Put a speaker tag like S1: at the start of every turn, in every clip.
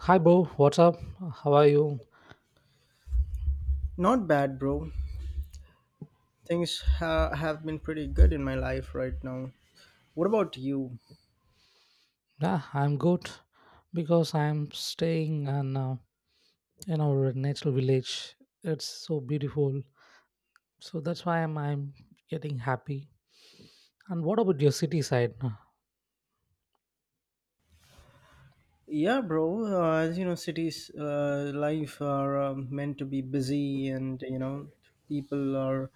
S1: Hi, Bo. What's up? How are you?
S2: Not bad, bro. Things have been pretty good in my life right now. What about you?
S1: Yeah, I'm good because I'm staying in our natural village. It's so beautiful. So that's why I'm getting happy. And what about your city side?
S2: Yeah, bro. As you know, cities life are meant to be busy, and you know, people are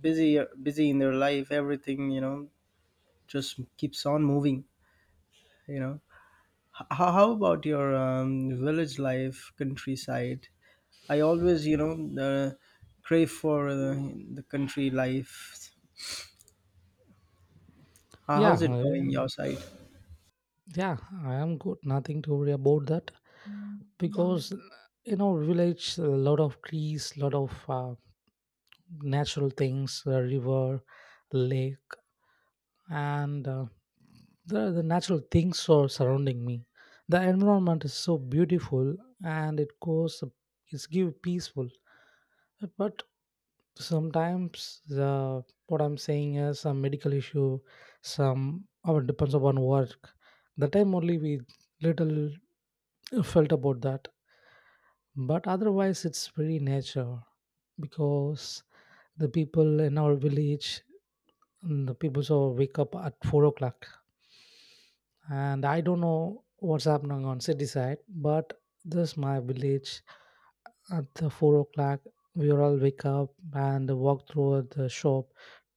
S2: busy in their life. Everything, you know, just keeps on moving. You know, how about your village life, countryside? I always, you know, uh, crave for the country life.
S1: Yeah,
S2: How's it going your side?
S1: yeah, I am good. Nothing to worry about that because in our village a lot of trees, lot of natural things, a river, lake, and the natural things are surrounding me, the environment is so beautiful and it goes, it's give peaceful, but sometimes the what I'm saying is some medical issue, some or it depends upon work, the time only we little felt about that, but otherwise it's very nature because the people in our village and the people so wake up at 4 o'clock. And I don't know what's happening on city side, but this my village at the 4 o'clock we all wake up and walk through the shop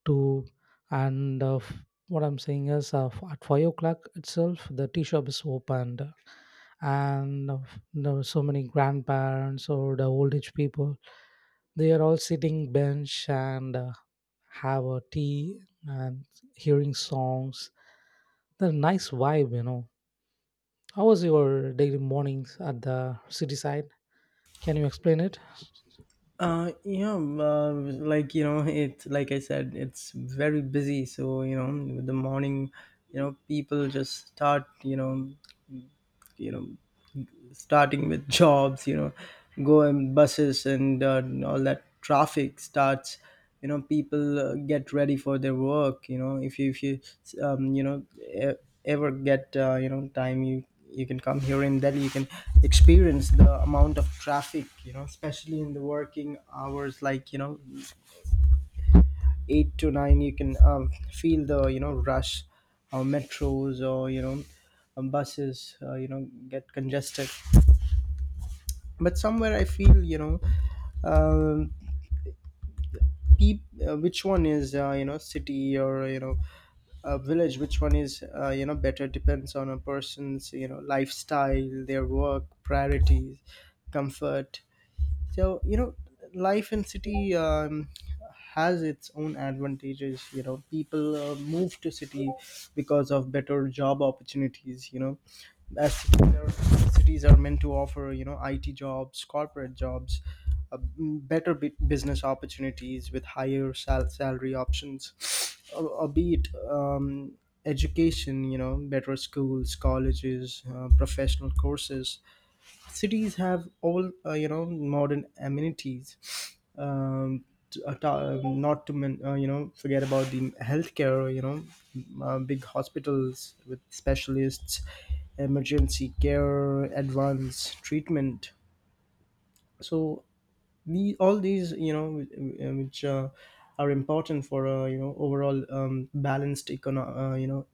S1: to and what I'm saying is at 5 o'clock itself the tea shop is opened, and there were so many grandparents or the old age people, they are all sitting bench and have a tea and hearing songs. The nice vibe. How was your daily mornings at the city side? Can you explain it?
S2: Yeah, like you know, it like I said, it's very busy. So you know, with the morning, you know, people just start, you know, starting with jobs, you know, go in buses, and all that traffic starts. You know, people get ready for their work. You know, if you you know ever get you know time, you can come here in Delhi. You can experience the amount of traffic, you know, especially in the working hours, like you know, 8 to 9. You can feel the, you know, rush or metros, or you know, buses you know get congested. But somewhere I feel, you know, um, peop, which one is, you know, city or you know a village, which one is, you know, better depends on a person's, you know, lifestyle, their work priorities, comfort. So you know, life in city has its own advantages. You know, people move to city because of better job opportunities, you know, as cities are meant to offer, you know, IT jobs, corporate jobs, better business opportunities with higher salary options, or be it education, you know, better schools, colleges, professional courses. Cities have all you know modern amenities. um, Not to you know forget about the healthcare, you know, big hospitals with specialists, emergency care, advanced treatment. So all these, you know, which are important for you know overall balanced you know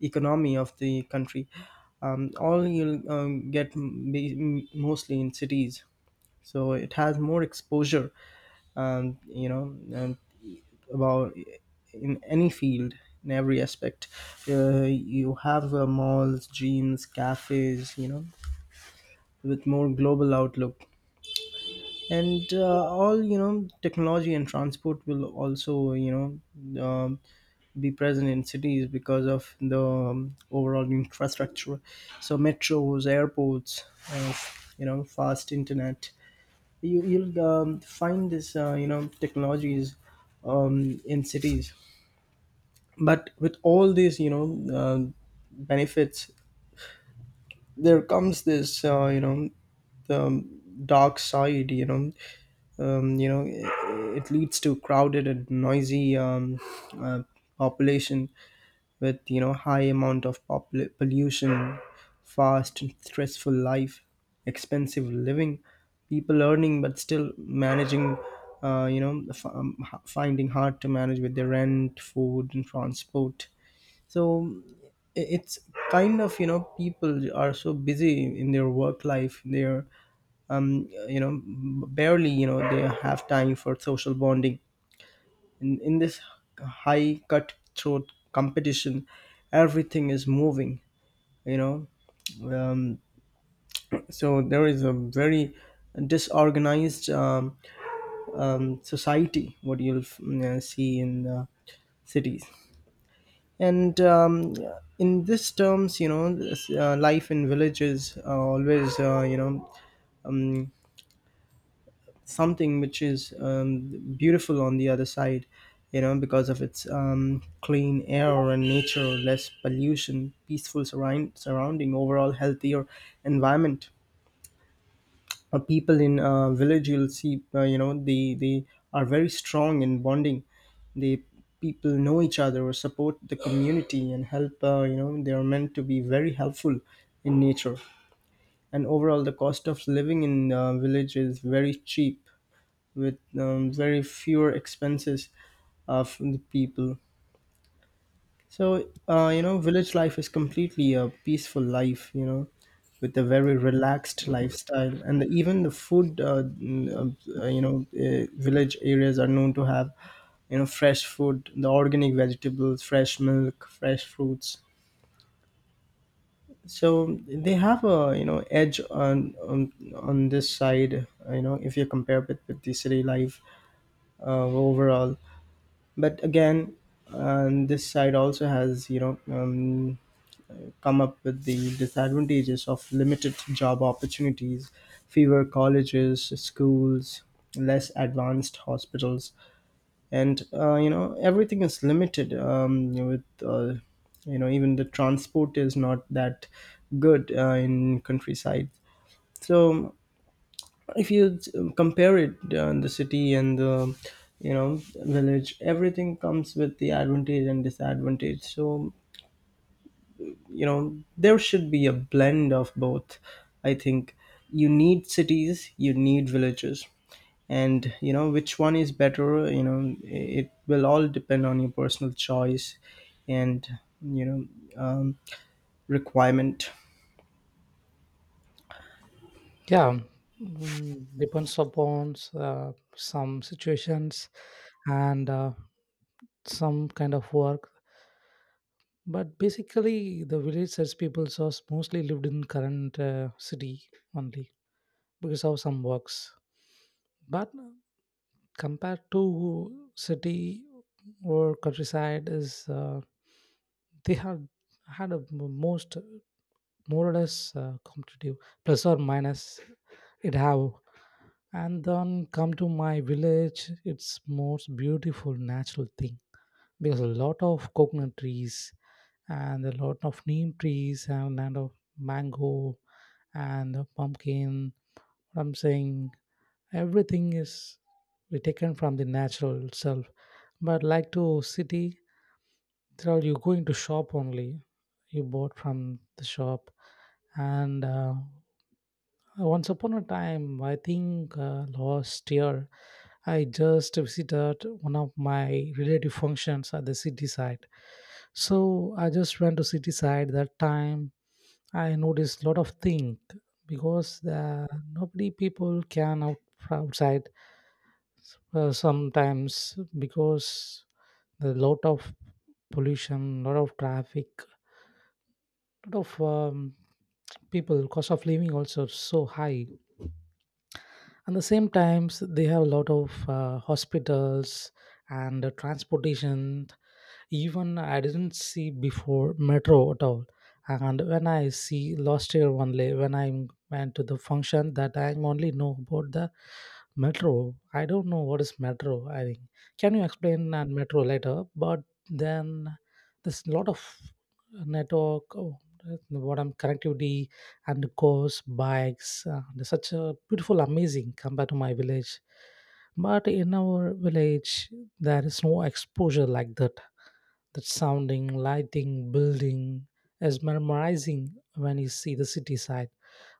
S2: economy of the country. All you'll get mostly in cities. So it has more exposure, um, you know um, about in any field, in every aspect. You have malls, gyms, cafes, you know, with more global outlook. And all, you know, technology and transport will also, you know, be present in cities because of the overall infrastructure. So metros, airports, uh, you know, fast internet, you you'll find this, you know, technologies in cities. But with all these, you know, uh, benefits, there comes this, you know, the dark side. You know, you know it leads to crowded and noisy uh, population with, you know, high amount of pollution, fast and stressful life, expensive living, people earning but still managing, you know finding hard to manage with their rent, food, and transport. So it's kind of, you know, people are so busy in their work life. They're you know barely, you know, they have time for social bonding. In this high cutthroat competition, everything is moving, you know. um, so there is a very disorganized society, what you'll see in the cities. And in this terms, you know, life in villages always you know um, something which is beautiful on the other side. You know, because of its clean air and nature, less pollution, peaceful surrounding, overall healthier environment. People in village, you'll see, you know they are very strong in bonding. They, people know each other or support the community and help. You know, they are meant to be very helpful in nature. And overall the cost of living in village is very cheap, with very fewer expenses from the people. So you know, village life is completely a peaceful life. You know, with a very relaxed lifestyle, and even the food. You know, village areas are known to have, you know, fresh food, the organic vegetables, fresh milk, fresh fruits. So they have, a you know, edge on on this side. You know, if you compare it with the city life overall. But again, on this side also has, you know, come up with the disadvantages of limited job opportunities, fewer colleges, schools, less advanced hospitals. And you know everything is limited, with you know even the transport is not that good in countryside. So if you compare it, the city and the, you know, village, everything comes with the advantage and disadvantage. So you know, there should be a blend of both. I think you need cities, you need villages. And you know, which one is better, you know, it will all depend on your personal choice and, you know, um, requirement.
S1: Yeah, mm, depends upon some situations and some kind of work. But basically, the village sets people are mostly lived in current city only because of some works. But compared to city or countryside is they have had a most more or less competitive, plus or minus it have. And then come to my village it's most beautiful natural thing because a lot of coconut trees and a lot of neem trees and land of mango and pumpkin, I'm saying, everything is we taken from the natural self. But like to city there you going to shop only, you bought from the shop. And once upon a time, I think last year, I just visited one of my relative functions at the city side. So I just went to city side that time. I noticed a lot of things because nobody people can out outside sometimes because the lot of pollution, lot of traffic, lot of people cost of living also so high, and the same times they have a lot of hospitals and transportation. Even I didn't see before metro at all, and when I see last year only when I went to the function that I only know about the metro. I don't know what is metro, I think. Can you explain that metro later? But then there's a lot of network. Oh, what I'm connectivity, and cars bikes, there's such a beautiful amazing compared to my village. But in our village there is no exposure like that, that sounding, lighting, building is mesmerizing when you see the city side.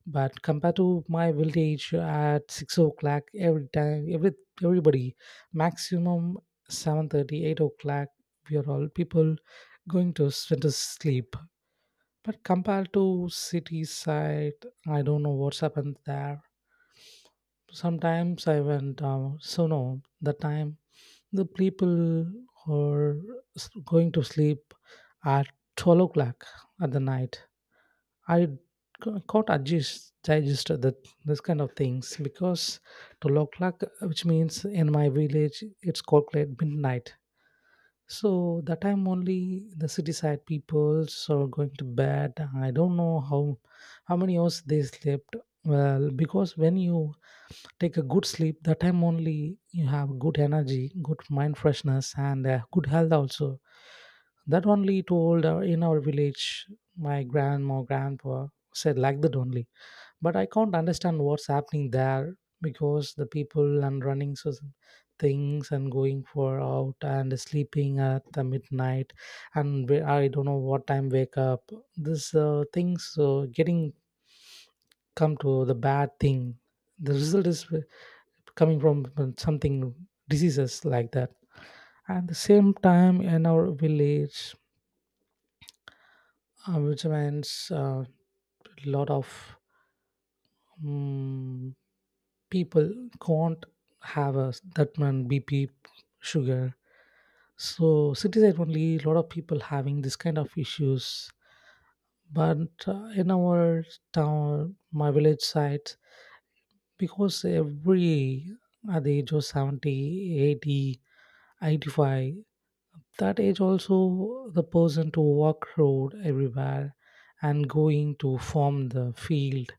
S1: But compared to my village at 6 o'clock every time, everybody, maximum 7:30, 8 o'clock, we are all people going to to sleep. But compared to city side, I don't know what's happened there. Sometimes I went down, so no, the time the people are going to sleep at 12 o'clock at the night. I can't adjust, digest that, this kind of things because 12 o'clock, which means in my village, it's called late midnight. So that time only the city side people are going to bed. I don't know how many hours they slept. Well, because when you take a good sleep, that time only you have good energy, good mind freshness, and good health also. That only told in our village, my grandma grandpa said like that only. But I can't understand what's happening there because the people and running so things and going for out and sleeping at the midnight, I don't know what time wake up, this things getting come to the bad thing, the result is coming from something diseases like that. At the same time in our village, which means a lot of mm people can't have a that man bp sugar. So city side only a lot of people having this kind of issues. But in our town, my village side, because every at the age of 70, 80, 85, that age also the person to walk road everywhere and going to form the field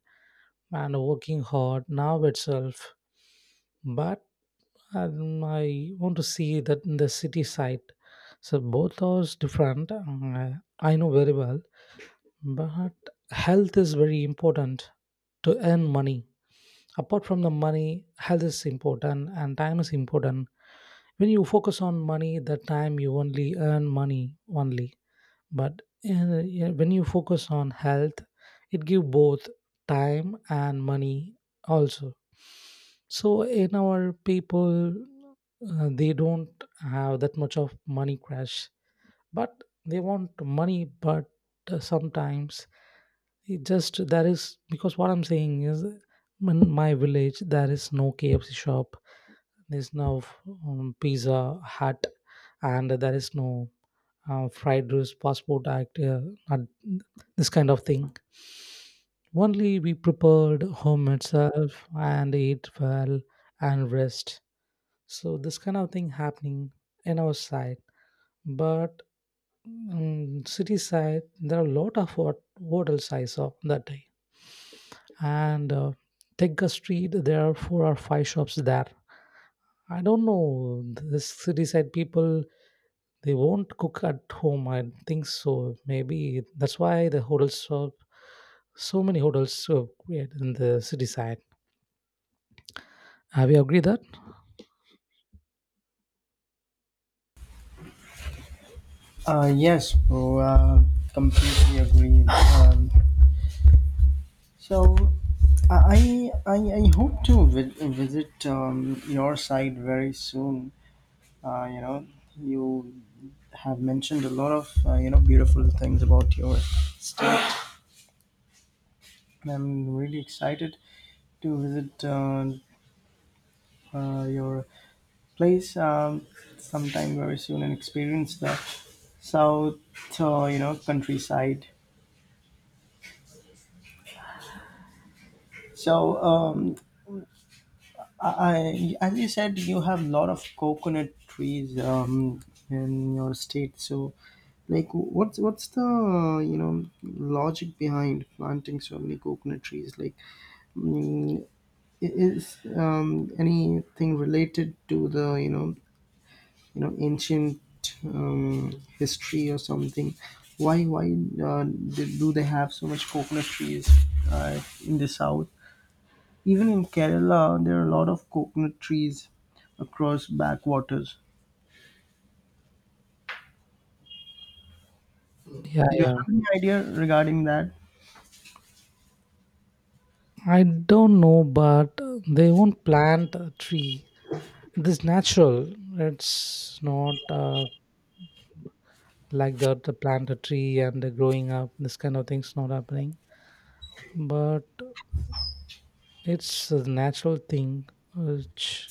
S1: and working hard now itself. But I want to see that in the city side. So both are different, I know very well. But health is very important to earn money. Apart from the money, health is important and time is important. When you focus on money, that time you only earn money only. But yeah, when you focus on health, it give both time and money also. So in our people, they don't have that much of money crash, but they want money. But sometimes it just there is because what I'm saying is in my village there is no kfc shop, there's no pizza hut, and there is no fried rice, passport act, and this kind of thing. Only we prepared home itself and ate well and rest. So this kind of thing happening in our side. But city side, there are a lot of hot hotels I saw that day. And Tegga Street, there are four or five shops there. I don't know this city side people. They won't cook at home, I think so. Maybe that's why the hotels are so many hotels are created in the city side. Have you agreed that?
S2: Yes, bro, completely agree. So, I hope to visit your side very soon. You know, you have mentioned a lot of you know beautiful things about yours. I'm really excited to visit, your place sometime very soon, and experience the south, you know, countryside. So, um, I, as you said, you have a lot of coconut trees in your state. So, like, what's the, you know, logic behind planting so many coconut trees? Like, mm, i- is anything related to the, you know, ancient history or something? Why do they have so much coconut trees uh, in the south? Even in Kerala, there are a lot of coconut trees across backwaters.
S1: Yeah,
S2: Do you
S1: yeah.
S2: have any idea regarding that?
S1: I don't know, but they won't plant a tree. It is natural. It's not like that. They plant a tree and they growing up. This kind of things not happening. But it's a natural thing which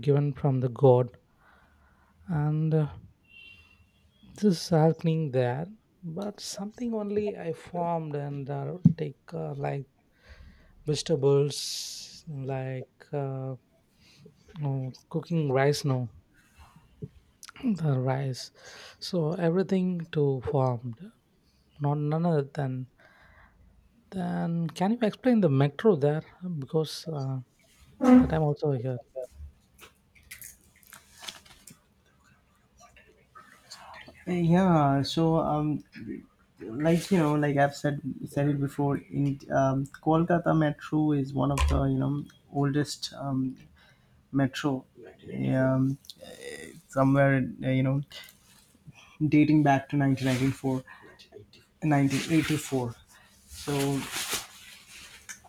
S1: given from the God, and this is happening there, but something only I formed and take like vegetables, like no, cooking rice, no the rice. So everything to formed, not none other than. Then can you explain the metro there? Because that I'm also here.
S2: Yeah, so like you know, like I've said it before, in Kolkata Metro is one of the, you know, oldest metro, um, somewhere you know dating back to 1994. So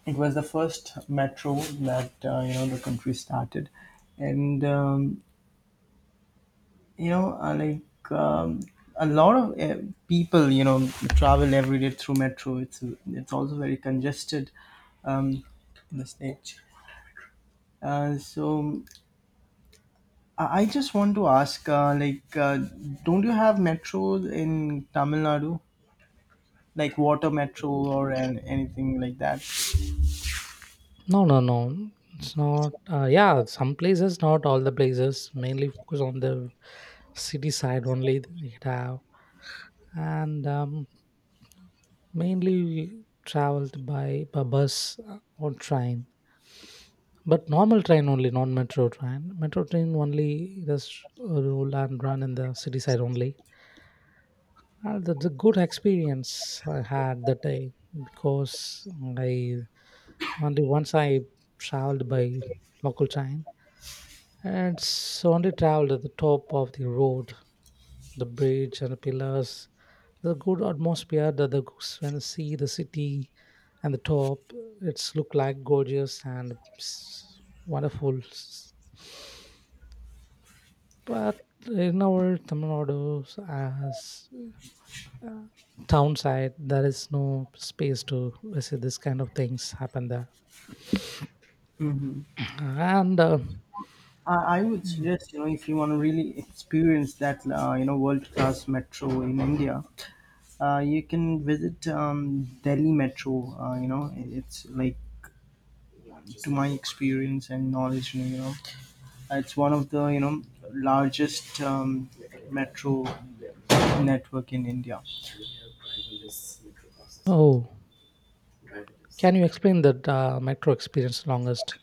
S2: it was the first metro that, you know, the country started, and like a lot of people, you know, travel every day through metro. It's also very congested um, in the state. So I just want to ask, like, don't you have metros in Tamil Nadu, like water metro or anything like that?
S1: No, no, no. It's not. Yeah, some places, not all the places. Mainly focus on the city side only, it have, and mainly we traveled by bus or train. But normal train only, not metro train. Metro train only just roll and run in the city side only. That's a good experience I had that day because I only once I traveled by local train, and it's only traveled at the top of the road, the bridge and the pillars, the good atmosphere that the goose when see the city and the top, it's look like gorgeous and wonderful but in our tamil nadu as uh, town side there is no space to visit this kind of things happen there
S2: Hmm.
S1: and
S2: I would suggest, you know, if you want to really experience that, you know, world class metro in India, you can visit Delhi Metro. You know, it's like, to my experience and knowledge, you know, it's one of the, you know, largest metro network in India.
S1: oh, can you explain that metro experience longest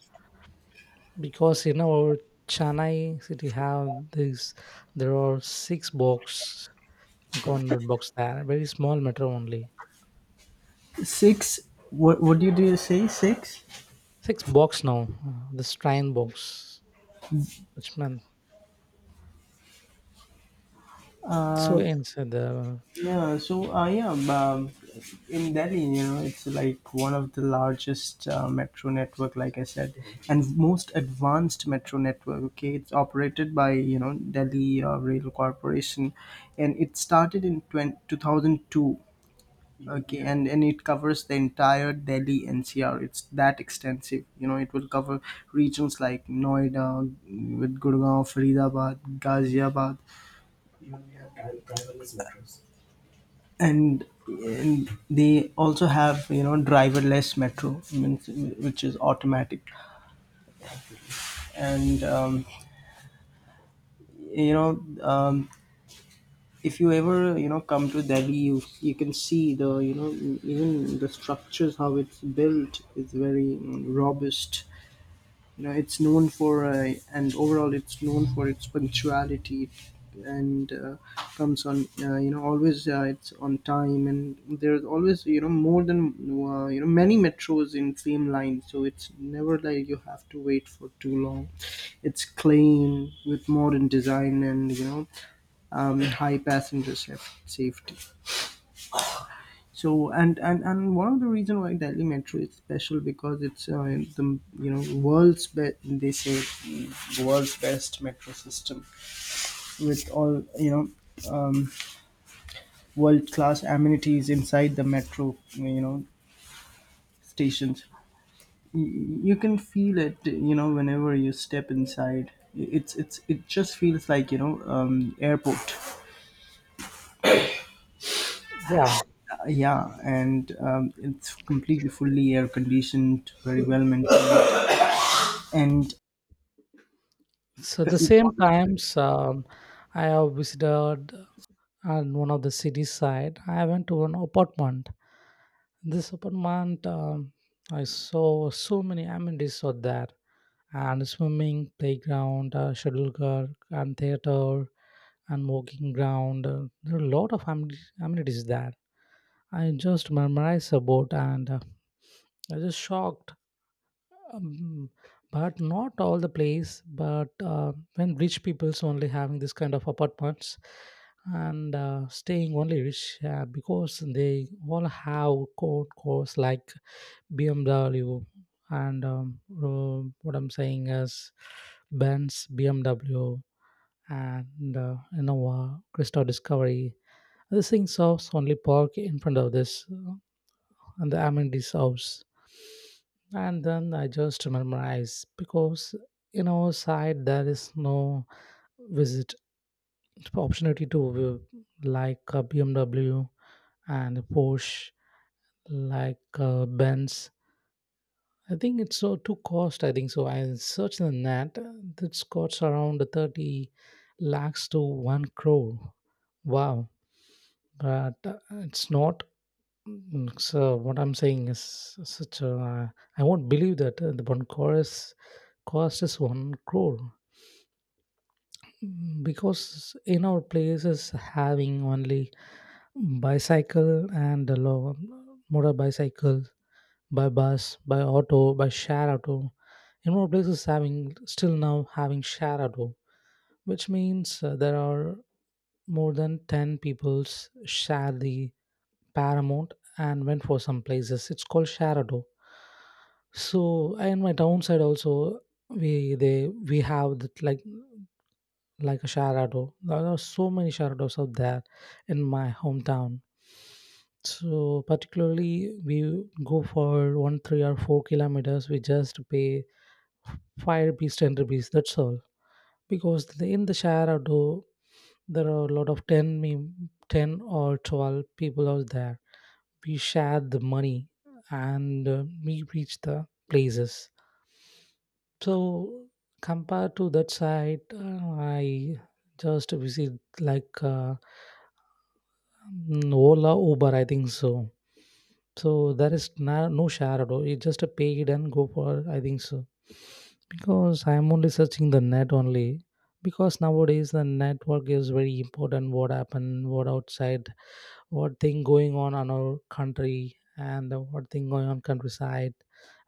S1: because in our chennai city have this, there are six box, the convert box there, very small matter only.
S2: Six. What did you say? Six.
S1: Six box now, the Shrine box, which meant so
S2: Um,
S1: inside the,
S2: yeah. So yeah. In Delhi, you know, it's like one of the largest metro network, like I said, and most advanced metro network. Okay, it's operated by, you know, Delhi Rail Corporation, and it started in 2002. Okay, and it covers the entire Delhi NCR. It's that extensive, you know. It will cover regions like Noida with Gurgaon, Faridabad, Ghaziabad. and and they also have, you know, driverless metro, means- which is automatic. And you know um, if you ever, you know, come to Delhi, you can see the, you know, even the structures, how it's built is very robust. You know, it's known for, and overall it's known for its punctuality. And comes on, you know, always, it's on time. And there's always, you know, more than you know many metros in same line, so it's never like you have to wait for too long. It's clean, with modern design and, you know, high passenger safety. So and one of the reason why Delhi Metro is special, because it's, the you know, world's best, they say, world's best metro system, with all, you know, um, world class amenities inside the metro, you know, stations. You can feel it, you know, whenever you step inside. It's it just feels like, you know, airport.
S1: yeah.
S2: Yeah, and it's completely fully air conditioned, very well maintained, and
S1: So the
S2: it
S1: same times I have visited on one of the city side. I went to an apartment. This apartment I saw so many amenities out there, and swimming playground, shuttlecock, and theater and walking ground. There are a lot of amenities there, I just memorized about and I just shocked. Um, but not all the place, but when rich people's only having this kind of apartments and staying only rich because they all have code course like BMW and what I'm saying is Benz, BMW, and Innova, Crystal Discovery. These things are only park in front of this, and the Amandi's house. And then I just memorize because in our side there is no visit opportunity to view like a BMW and Porsche, like Benz. I think it's so too cost, I think so. I searched the net. It's costs around 30 lakhs to 1 crore. Wow, but it's not. Mm, so what I'm saying is such a I won't believe that the one chorus cost is 1 crore. Mm, because in our places having only bicycle and a motor bicycle, by bus, by auto, by share auto. In more places having still now having share auto, which means there are more than 10 peoples share the Paramount and went for some places. It's called Sharado. So and my downside also we have that like a Sharado. There are so many Sharados out there in my hometown. So particularly we go for one, 3 or 4 km. We just pay 5 rupees, 10 rupees. That's all. Because in the Sharado there are a lot of 10 or 12 people out there, we shared the money and we reached the places. So compared to that side, I just visit like Ola, Uber, I think so. So there is no share at all. It's just a paid and go for, I think so. Because I'm only searching the net only. Because nowadays the network is very important. What happened, what outside, what thing going on our country, and what thing going on countryside,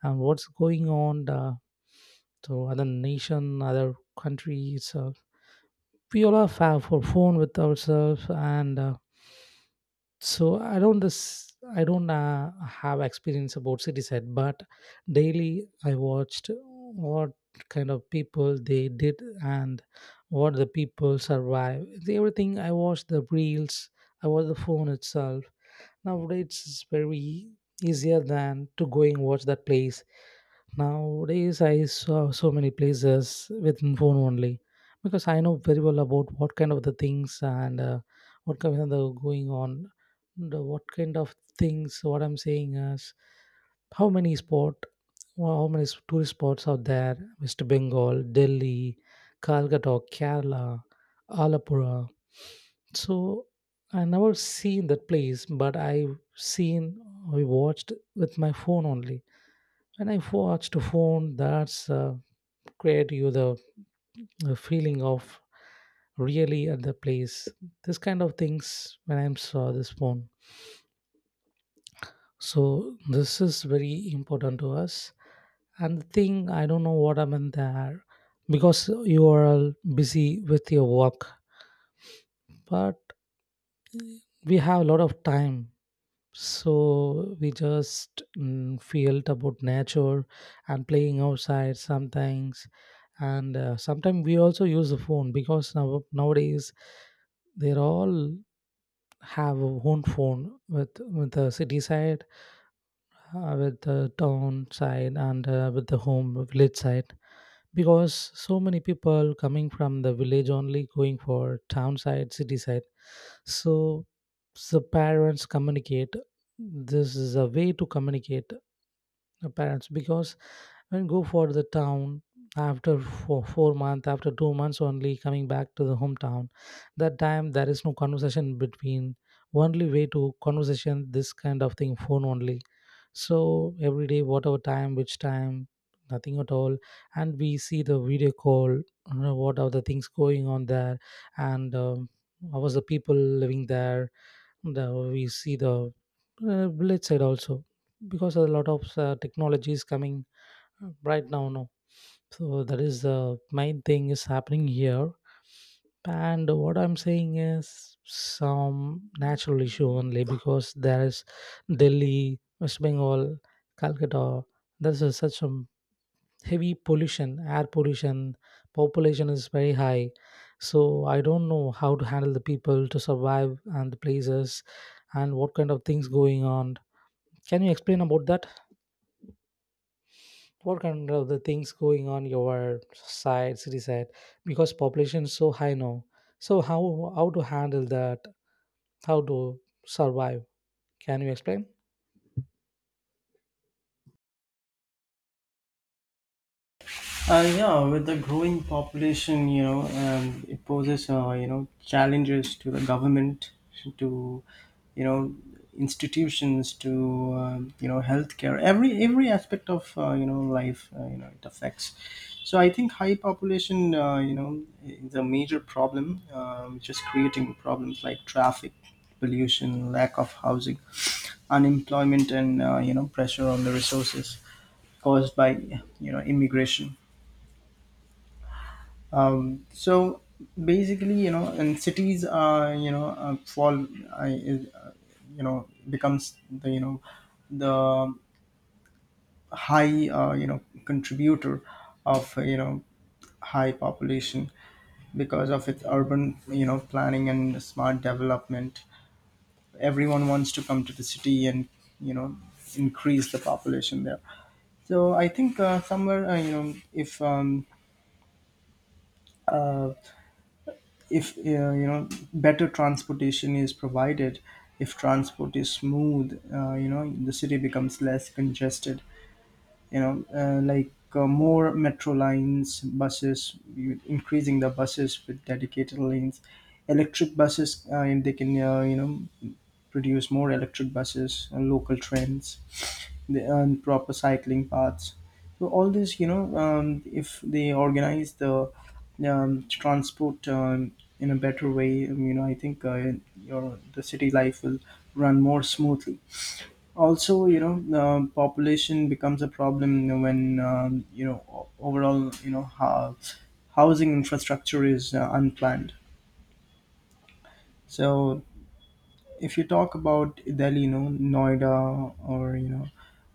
S1: and what's going on to other nation, other countries, we all are for phone with ourselves, and so I don't this I don't have experience about city side, but daily I watched what kind of people they did and what the people survive. Everything I watched the reels, I watched the phone itself. Nowadays it's very easier than to go and watch that place. Nowadays I saw so many places within phone only, because I know very well about what kind of the things and what kind of the going on, the what kind of things. What I'm saying is how many spot, how many tourist spots are there? West Bengal, Delhi, Calcutta, Kerala, Alapura. So I never seen that place, but I've seen, I watched with my phone only. When I watched a phone, that's create you the feeling of really at the place. This kind of things when I saw this phone. So this is very important to us. And the thing I don't know what I'm happened there because you are all busy with your work, but we have a lot of time. So we just felt about nature and playing outside sometimes, and sometimes we also use the phone because nowadays they all have a own phone, with the city side, with the town side, and with the home village side, because so many people coming from the village only going for town side, city side. So the parents communicate, this is a way to communicate the parents, because when go for the town, after 4 months, after 2 months only coming back to the hometown. That time there is no conversation between, only way to conversation this kind of thing phone only. So every day, whatever time, which time, nothing at all. And we see the video call, you know what are the things going on there, and how was the people living there, and we see the village side also, because a lot of technology is coming right now, no? So that is the main thing is happening here. And what I'm saying is some natural issue only, because there is Delhi, West Bengal, Calcutta. There's a, such a heavy pollution, air pollution, population is very high. So I don't know how to handle the people to survive and the places and what kind of things going on. Can you explain about that, what kind of the things going on your side, city side? Because population is so high now, so how to handle that, how to survive? Can you explain?
S2: Yeah, with the growing population, you know, it poses, you know, challenges to the government, to, you know, institutions, to, you know, healthcare. Every aspect of, you know, life, you know, it affects. So I think high population, you know, is a major problem, which is creating problems like traffic, pollution, lack of housing, unemployment, and you know, pressure on the resources caused by, you know, immigration. So basically, and cities, fall, I, is, you know, becomes the the high contributor of high population because of its urban planning and smart development. Everyone wants to come to the city and you know increase the population there. So I think somewhere uh, if better transportation is provided, if transport is smooth, the city becomes less congested, like more metro lines, buses, increasing the buses with dedicated lanes, electric buses, and they can produce more electric buses and local trains and proper cycling paths. So all this, if they organize the transport in a better way, I think your the city life will run more smoothly. Also, population becomes a problem when, overall, how housing infrastructure is unplanned. So if you talk about Delhi, Noida, or you know,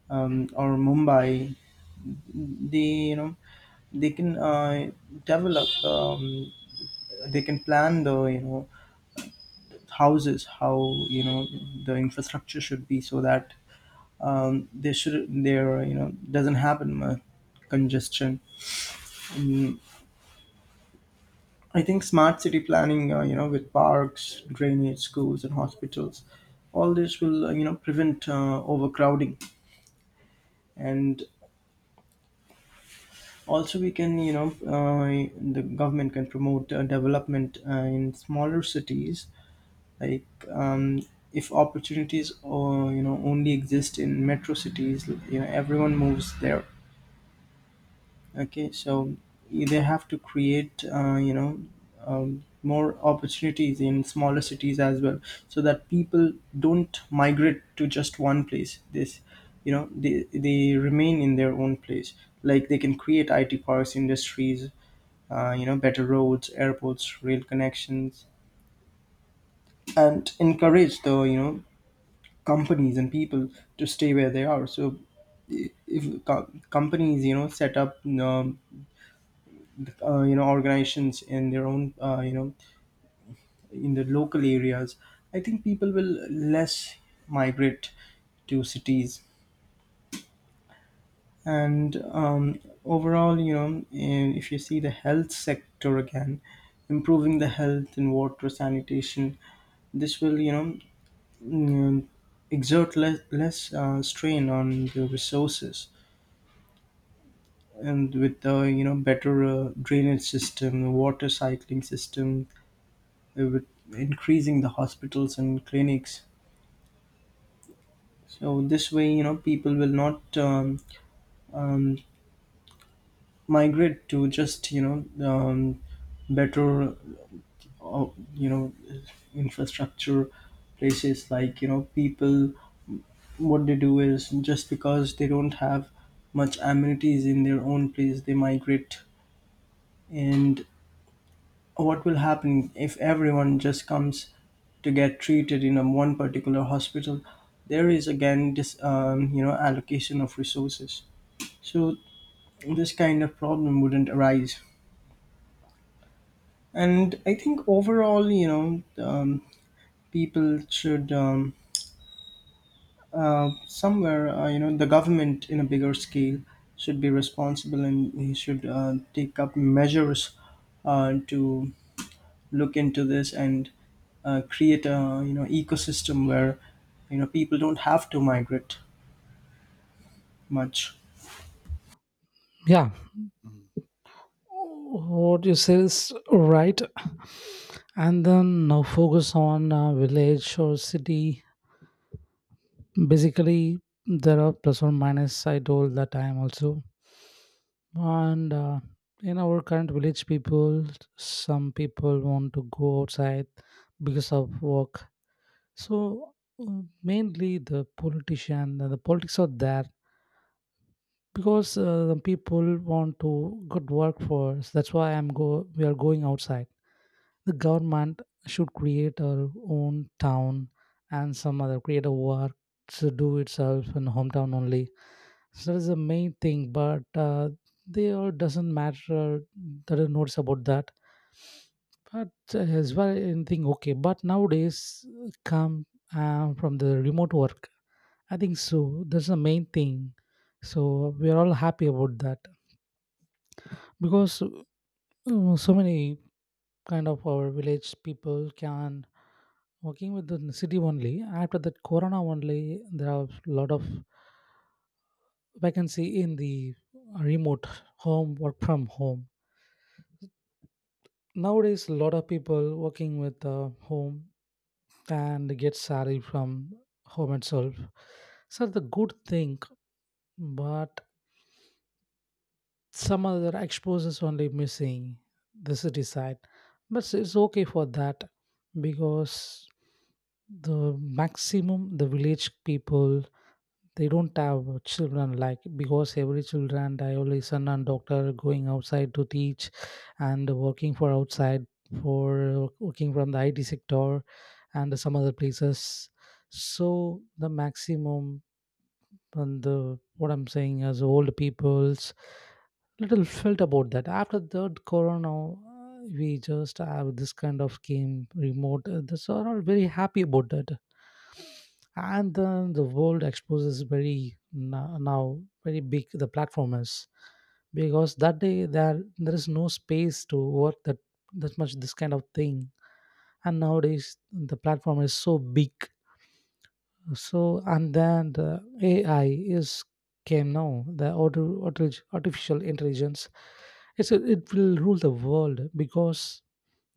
S2: um, or Mumbai, the you know they can develop, they can plan the houses, how the infrastructure should be, so that there should there you know doesn't happen much congestion. Mm, I think smart city planning, with parks, drainage, schools and hospitals, all this will prevent overcrowding. And also we can, uh, the government can promote development in smaller cities. Like if opportunities or you know only exist in metro cities, everyone moves there. Okay, so they have to create more opportunities in smaller cities as well, so that people don't migrate to just one place. This they remain in their own place. Like they can create it parks, industries, better roads, airports, rail connections, and encourage the companies and people to stay where they are. So I- if co- companies, set up um, organizations in their own, in the local areas, I think people will less migrate to cities. And um, overall, if you see the health sector again, improving the health and water sanitation, this will, mm, exert less, less strain on the resources, and with the better drainage system, water cycling system, with increasing the hospitals and clinics. So this way, people will not um, migrate to just better uh, you know infrastructure places. Like people, what they do is just because they don't have much amenities in their own place, they migrate. And what will happen if everyone just comes to get treated in a one particular hospital? There is again this allocation of resources. So this kind of problem wouldn't arise. And I think overall, people should, somewhere, the government in a bigger scale should be responsible, and he should take up measures to look into this, and create a ecosystem where people don't have to migrate much.
S1: Yeah, what you say is right. And then now focus on village or city. Basically, there are plus or minus. I told that time also. And in our current village, people, some people want to go outside because of work. So mainly the politician, the politics are there because the people want to good work for us. That's why I'm go, we are going outside. The government should create our own town and some other create a work to do itself in hometown only. So that's the main thing, but they all doesn't matter. There are notes about that. But as well, anything okay. But nowadays, come from the remote work, I think so. That's the main thing. So we are all happy about that, because so many kind of our village people can working with the city only. After that, Corona only, there are a lot of vacancy in the remote, home, work from home. Nowadays a lot of people working with home and get salary from home itself. So the good thing, but some other exposures only missing the city side, but it's okay for that. Because the maximum the village people, they don't have children like, because every children dialysis and doctor going outside to teach and working for outside, for working from the IT sector and some other places. So the maximum, and the what I'm saying is old people's little felt about that. After third Corona we just have this kind of game remote, this are all very happy about that. And then the world exposes very now, very big the platform is, because that day there there is no space to work that that much, this kind of thing. And nowadays the platform is so big. So and then the AI is came now, the artificial intelligence. It's a, it will rule the world, because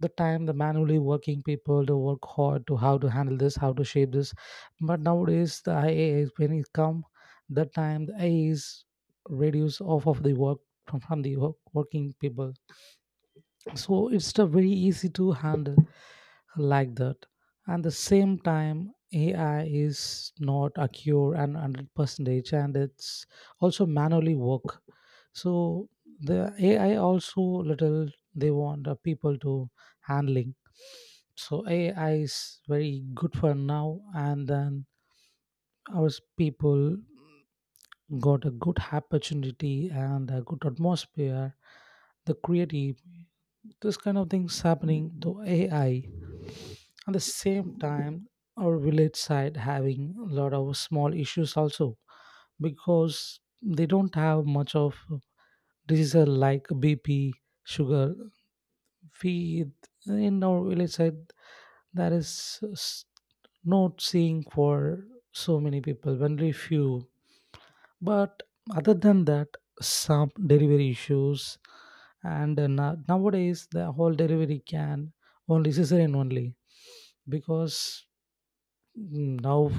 S1: the time the manually working people to work hard to how to handle this, how to shape this. But nowadays the ia is when it come, the time the AI is reduce off of the work, from the work, working people. So it's the very easy to handle like that. And the same time, AI is not a cure and 100 percentage, and it's also manually work. So the AI also little, they want the people to handling. So AI is very good for now. And then our people got a good opportunity and a good atmosphere, the creative, this kind of things happening to AI. At the same time, our village side having a lot of small issues also, because they don't have much of diseases like BP, sugar. We in our village side, there is not seeing for so many people, only few. But other than that, some delivery issues, and nowadays the whole delivery can only cesarean only, because mm, now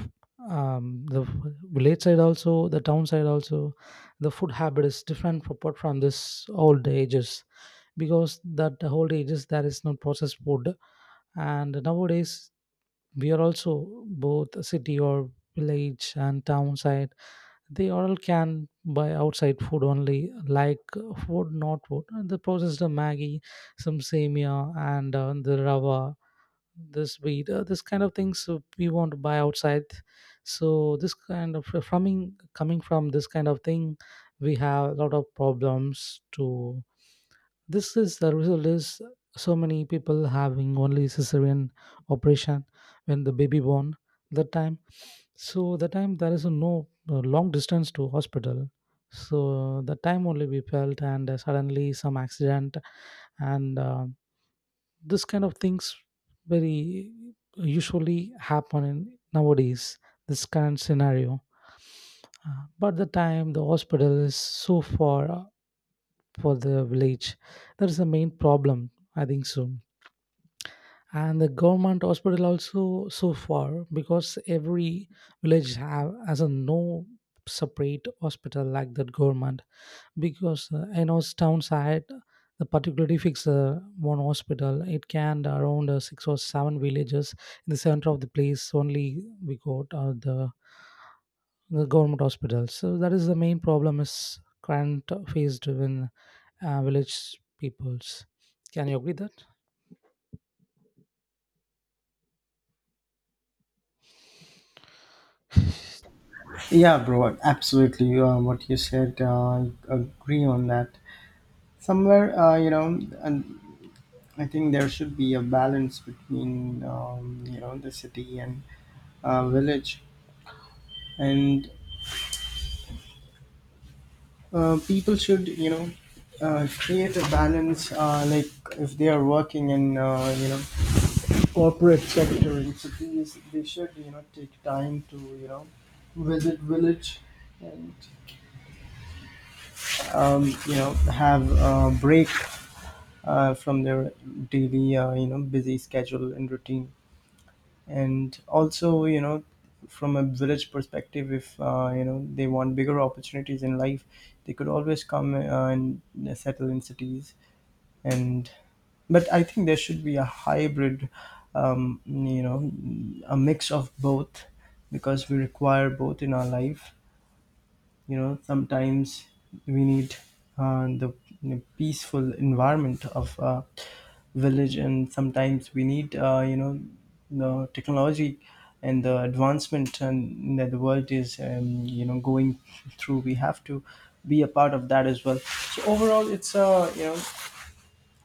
S1: the village side also, the town side also, the food habit is different apart from this old ages. Because that the old ages there is no processed food. And nowadays we are also both city or village and town side, they all can buy outside food only, like food not food, and the processed maggie, some semia and the rava, this wheat, this kind of things we want to buy outside. So this kind of from coming from this kind of thing, we have a lot of problems to, this is the result is, so many people having only cesarean operation when the baby born that time. So the time there is no long distance to hospital. So the time only we felt, and suddenly some accident, and this kind of things very usually happen in nowadays, this current scenario. But the time the hospital is so far for the village. That is the main problem, I think so. And the government hospital also so far, because every village have has a no separate hospital like that government. Because I know town side, the particularly fix one hospital it can around 6 or 7 villages. In the center of the place only we got the government hospitals. So that is the main problem is current faced within village peoples. Can you agree that?
S2: Yeah, bro, absolutely. What you said, I agree on that. Somewhere, you know, and I think there should be a balance between, the city and village, and people should, create a balance. Like if they are working in, corporate sector in cities, they should, take time to, visit village and have a break from their daily busy schedule and routine. And also, from a village perspective, if they want bigger opportunities in life, they could always come and settle in cities. And but I think there should be a hybrid, um, you know a mix of both, because we require both in our life. You know, sometimes we need, uh, the peaceful environment of a village, and sometimes we need the technology and the advancement and that the world is, going through. We have to be a part of that as well. So overall it's a,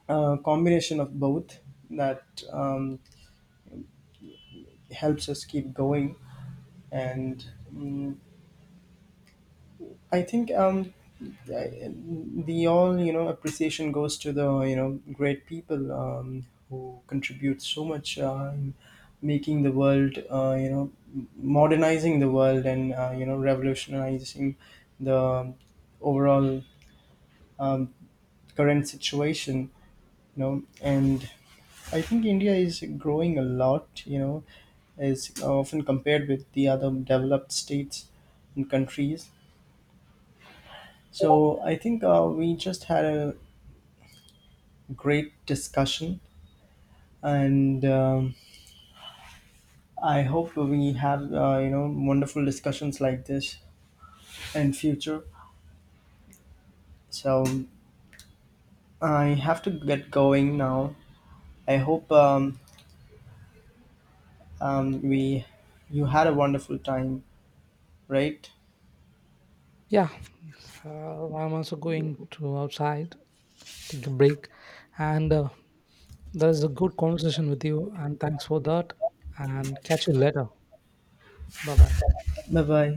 S2: a combination of both, that um, helps us keep going. And mm, I think I- the all, appreciation goes to the great people who contribute so much in making the world, modernizing the world, and revolutionizing the overall um, current situation. You know, and I think India is growing a lot, is often compared with the other developed states and countries. So I think we just had a great discussion, and I hope we have wonderful discussions like this in future. So I have to get going now. I hope we you had a wonderful time, right?
S1: Yeah, I'm also going to outside, take a break, and that is a good conversation with you. And thanks for that. And catch you later. Bye bye.
S2: Bye bye.